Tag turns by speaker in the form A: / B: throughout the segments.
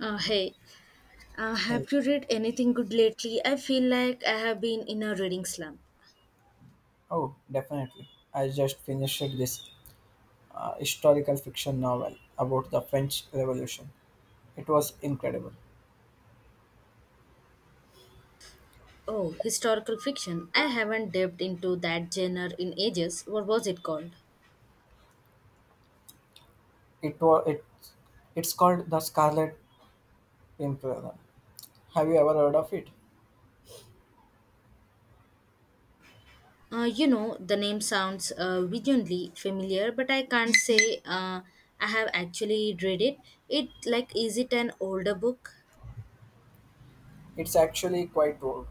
A: Uh, hey,
B: Hey,
A: have you read anything good lately? I feel like I have been in a reading slump.
B: oh, definitely. I just finished this historical fiction novel about the French Revolution. It was incredible.
A: Oh, historical fiction. I haven't dipped into that genre in ages. What was it called?
B: It was it, it's called The Scarlet Pimpernel. Have you ever heard of it?
A: The name sounds vaguely familiar, but I can't say I have actually read it. It like is it an older book?
B: It's actually quite old,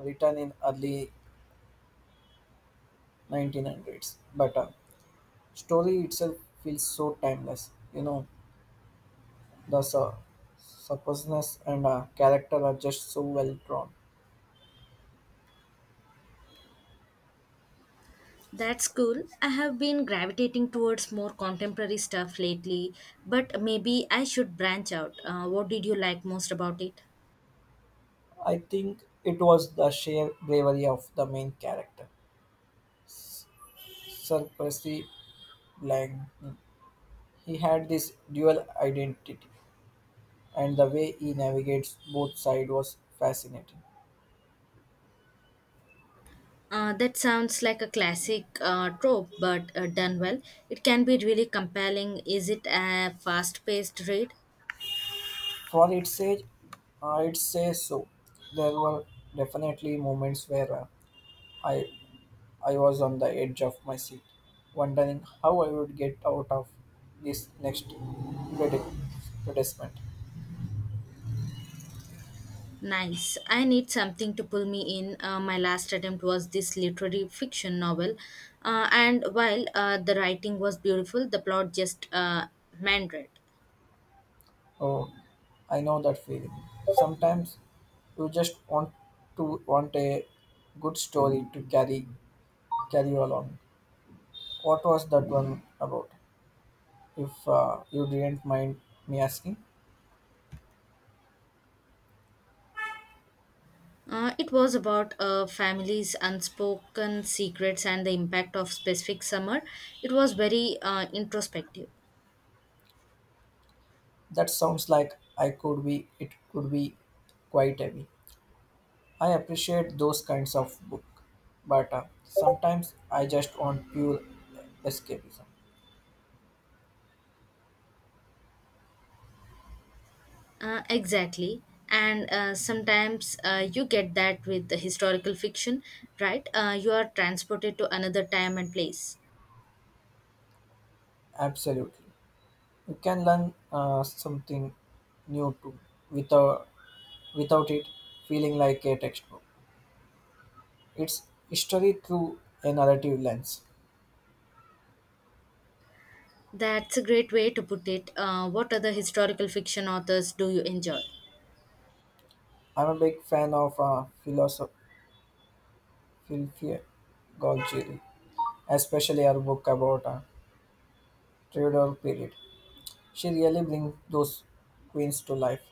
B: written in early 1900s, but story itself feels so timeless. You know, the su- supposedness and character are just so well drawn.
A: That's cool. I have been gravitating towards more contemporary stuff lately, but maybe I should branch out. What did you like most about it?
B: I think it was the sheer bravery of the main character surprisingly blank. He had this dual identity, and the way he navigates both sides was fascinating.
A: That sounds like a classic trope, but done well. It can be really compelling. Is it a fast paced read?
B: For its age, I'd say so. There were definitely moments where I I was on the edge of my seat, wondering how I would get out of this next predicament.
A: Nice. I need something to pull me in. My last attempt was this literary fiction novel, and while the writing was beautiful, the plot just meandered.
B: Oh, I know that feeling. Sometimes you just want a good story to carry you along. What was that one about? If you didn't mind me asking,
A: It was about a family's unspoken secrets and the impact of specific summer. It was very introspective.
B: that sounds like I could be. It could be quite heavy. I appreciate those kinds of book, but sometimes I just want pure escapism.
A: Exactly. And sometimes you get that with the historical fiction, right? You are transported to another time and place.
B: Absolutely, you can learn something new too without without it feeling like a textbook. It's history through a narrative lens.
A: That's a great way to put it. What other historical fiction authors do you enjoy?
B: I'm a big fan of Filfie Golgieri, especially her book about a Tudor period. She really brings those queens to life.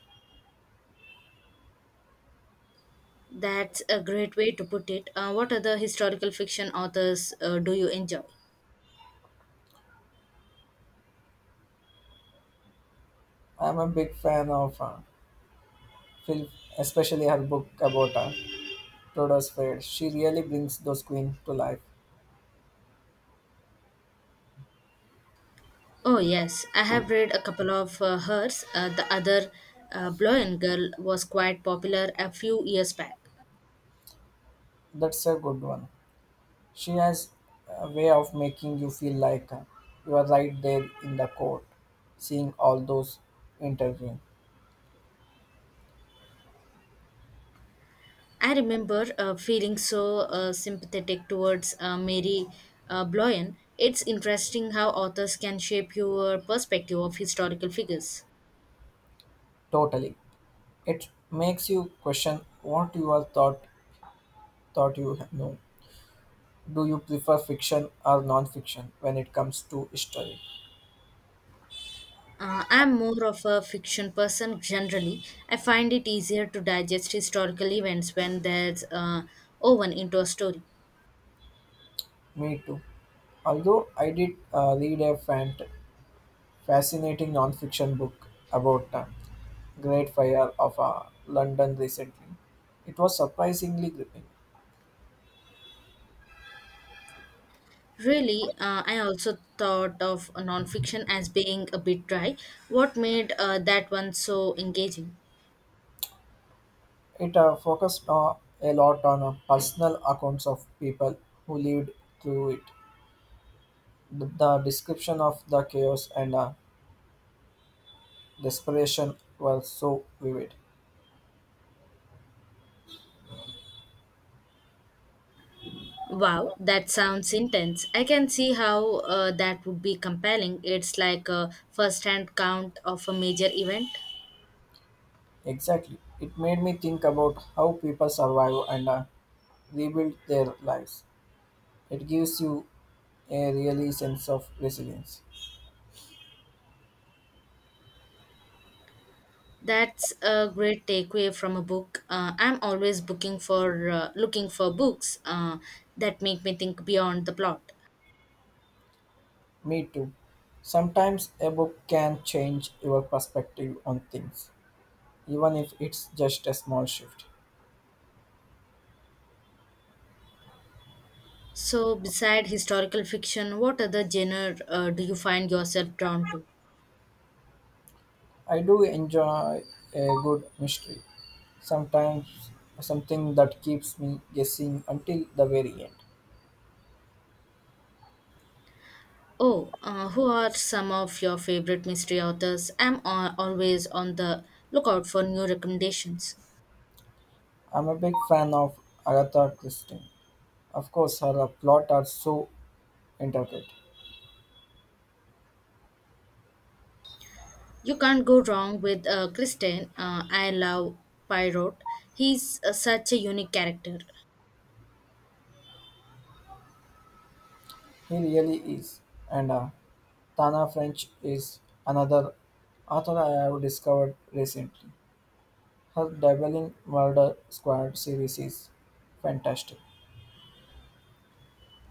A: That's a great way to put it. What other historical fiction authors do you enjoy?
B: I am a big fan of Phil, especially her book about Tudor's period. She really brings those queens to life.
A: Oh, yes. I have read a couple of hers. The other Blow and Girl was quite popular a few years back.
B: That's a good one. She has a way of making you feel like you are right there in the court, seeing all those interviewing.
A: I remember feeling so sympathetic towards Mary Bloyan. It's interesting how authors can shape your perspective of historical figures.
B: Totally. It makes you question what you are thought you know. Do you prefer fiction or non-fiction when it comes to history?
A: I'm more of a fiction person generally. I find it easier to digest historical events when there's woven into a story.
B: Me too. Although I did read a fascinating non-fiction book about the Great Fire of London recently, it was surprisingly gripping.
A: Really, I also thought of nonfiction as being a bit dry. What made that one so engaging?
B: It focused a lot on personal accounts of people who lived through it. The description of the chaos and desperation were so vivid.
A: Wow, that sounds intense. I can see how that would be compelling. It's like a first hand count of a major event.
B: Exactly. It made me think about how people survive and rebuild their lives. It gives you a really sense of resilience.
A: That's a great takeaway from a book. I'm always booking for looking for books that make me think beyond the plot.
B: Me too. Sometimes a book can change your perspective on things, even if it's just a small shift.
A: So, beside historical fiction, what other genre do you find yourself drawn to?
B: I do enjoy a good mystery. Sometimes something that keeps me guessing until the very end.
A: Oh, who are some of your favorite mystery authors? I'm always on the lookout for new recommendations.
B: I'm a big fan of Agatha Christie. Of course, her plot are so intricate.
A: You can't go wrong with Kristen. I love Poirot. He's such a unique character.
B: He really is. And Tana French is another author I have discovered recently. Her Dabbling Murder Squad series is fantastic.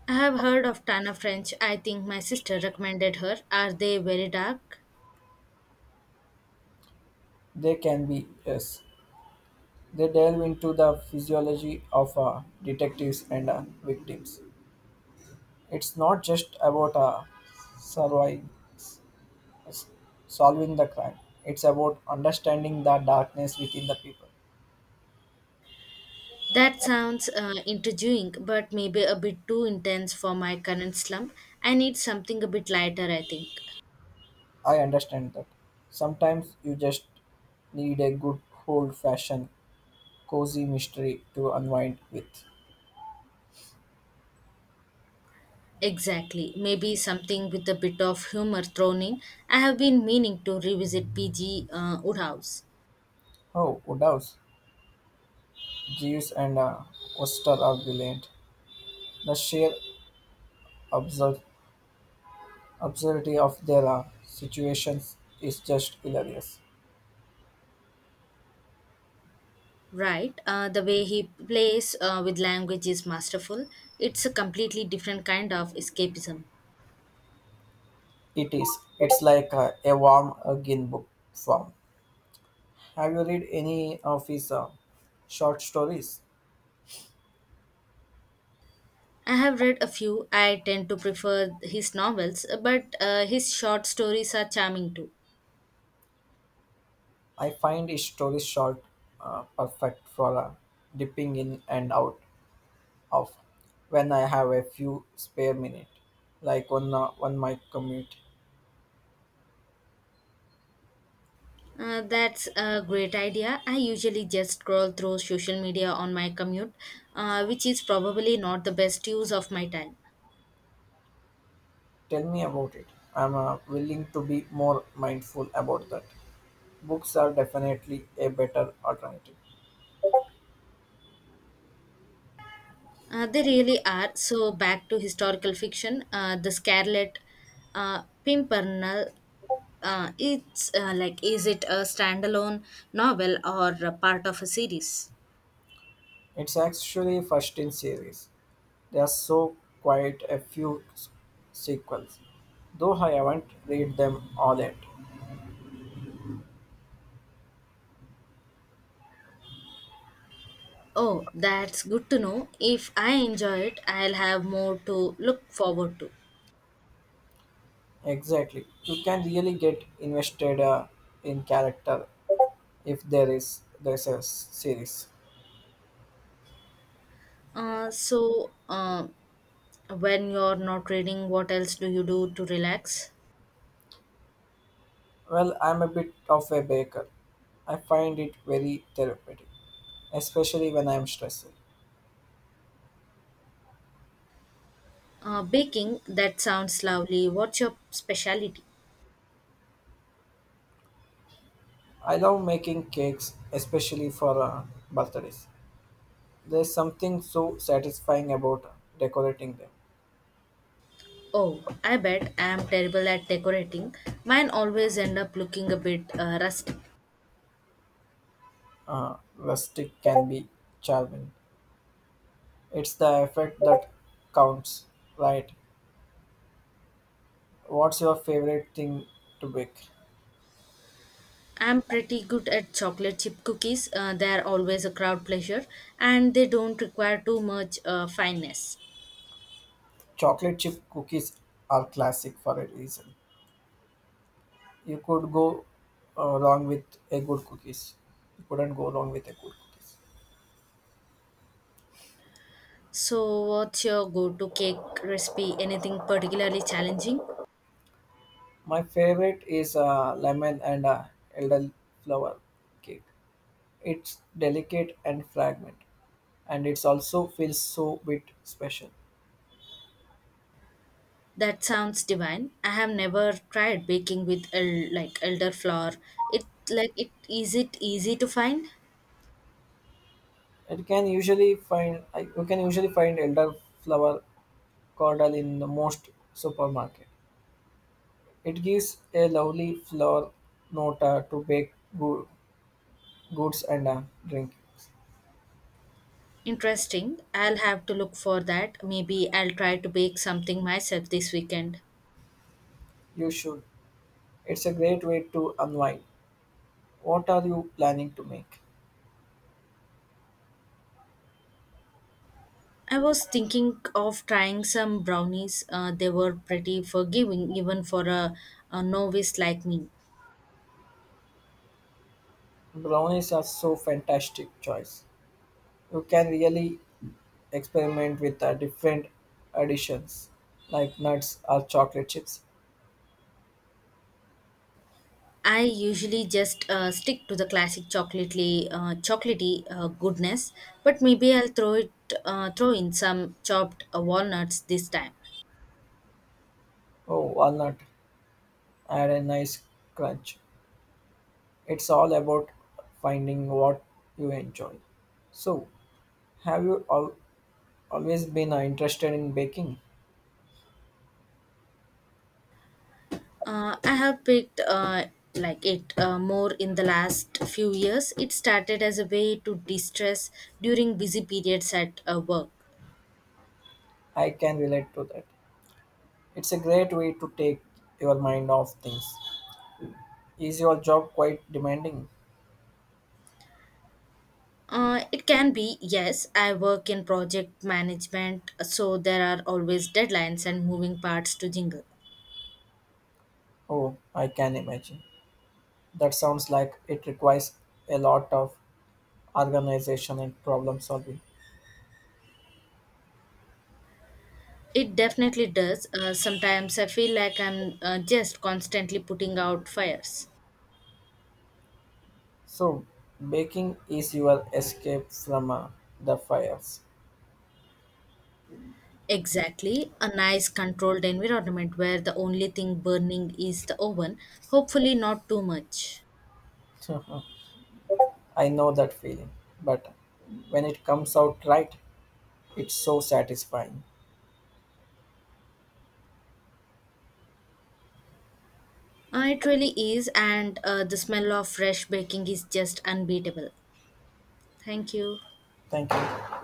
A: I have heard of Tana French. I think my sister recommended her. Are they very dark?
B: They can be, yes. They delve into the physiology of detectives and victims. It's not just about surviving, solving the crime. It's about understanding the darkness within the people.
A: That sounds intriguing, but maybe a bit too intense for my current slump. I need something a bit lighter, I think.
B: I understand that. Sometimes you just need a good old fashioned cozy mystery to unwind with.
A: Exactly. Maybe something with a bit of humor thrown in. I have been meaning to revisit P.G. Woodhouse.
B: Oh, Woodhouse, Jeeves and Oster are brilliant. The sheer absurd- absurdity of their situations is just hilarious.
A: Right. The way he plays with language is masterful. It's a completely different kind of escapism.
B: It is. It's like a warm hug in book form. Have you read any of his short stories?
A: I have read a few. I tend to prefer his novels, but his short stories are charming too.
B: I find his stories short, perfect for dipping in and out off when I have a few spare minutes, like on my commute.
A: That's a great idea. I usually just scroll through social media on my commute, which is probably not the best use of my time.
B: Tell me about it. I'm willing to be more mindful about that. Books are definitely a better alternative.
A: They really are. So, back to historical fiction, The Scarlet Pimpernel. Is it a standalone novel or a part of a series?
B: It's actually first in series. There are quite a few sequels, though I haven't read them all yet.
A: Oh, that's good to know. If I enjoy it, I'll have more to look forward to.
B: Exactly, you can really get invested in character if there's a series.
A: Uh, so, uh, when you're not reading, what else do you do to relax?
B: Well, I'm a bit of a baker, I find it very therapeutic, especially when I'm stressed.
A: Baking, that sounds lovely. What's your specialty?
B: I love making cakes, especially for birthdays. There's something so satisfying about decorating them.
A: Oh, I bet I'm terrible at decorating. Mine always end up looking a bit rustic.
B: Rustic can be charming. It's the effect that counts, right? What's your favorite thing to bake?
A: I'm pretty good at chocolate chip cookies. They're always a crowd pleasure and they don't require too much fineness.
B: Chocolate chip cookies are classic for a reason. You could go wrong with a good cookies. You couldn't go wrong with a good cookies.
A: So, what's your go to cake recipe? Anything particularly challenging?
B: My favorite is lemon and elderflower cake. It's delicate and fragrant, and it's also feels so bit special.
A: That sounds divine. I have never tried baking with like elderflower. It is it easy to find?
B: It can usually find I- you can usually find elderflower cordal in the most supermarket. It gives a lovely flower note to bake goods and drink.
A: Interesting. I'll have to look for that. Maybe I'll try to bake something myself this weekend.
B: You should. It's a great way to unwind. What are you planning to make?
A: I was thinking of trying some brownies. They were pretty forgiving, even for a novice like me.
B: Brownies are so fantastic choice. You can really experiment with different additions like nuts or chocolate chips.
A: I usually just stick to the classic chocolatey, goodness, but maybe throw in some chopped walnuts this time.
B: Oh, walnut add a nice crunch. It's all about finding what you enjoy. So, have you always been interested in baking?
A: I have picked like it more in the last few years. It started as a way to distress during busy periods at work.
B: I can relate to that. It's a great way to take your mind off things. Is your job quite demanding?
A: It can be, yes. I work in project management, so there are always deadlines and moving parts to jingle.
B: Oh, I can imagine. That sounds like it requires a lot of organization and problem solving.
A: It definitely does. Sometimes I feel like I'm just constantly putting out fires.
B: So, baking is your escape from the fires.
A: Exactly. A nice controlled environment where the only thing burning is the oven. Hopefully, not too much.
B: I know that feeling, but when it comes out right, it's so satisfying.
A: It really is, and the smell of fresh baking is just unbeatable. Thank you.
B: Thank you.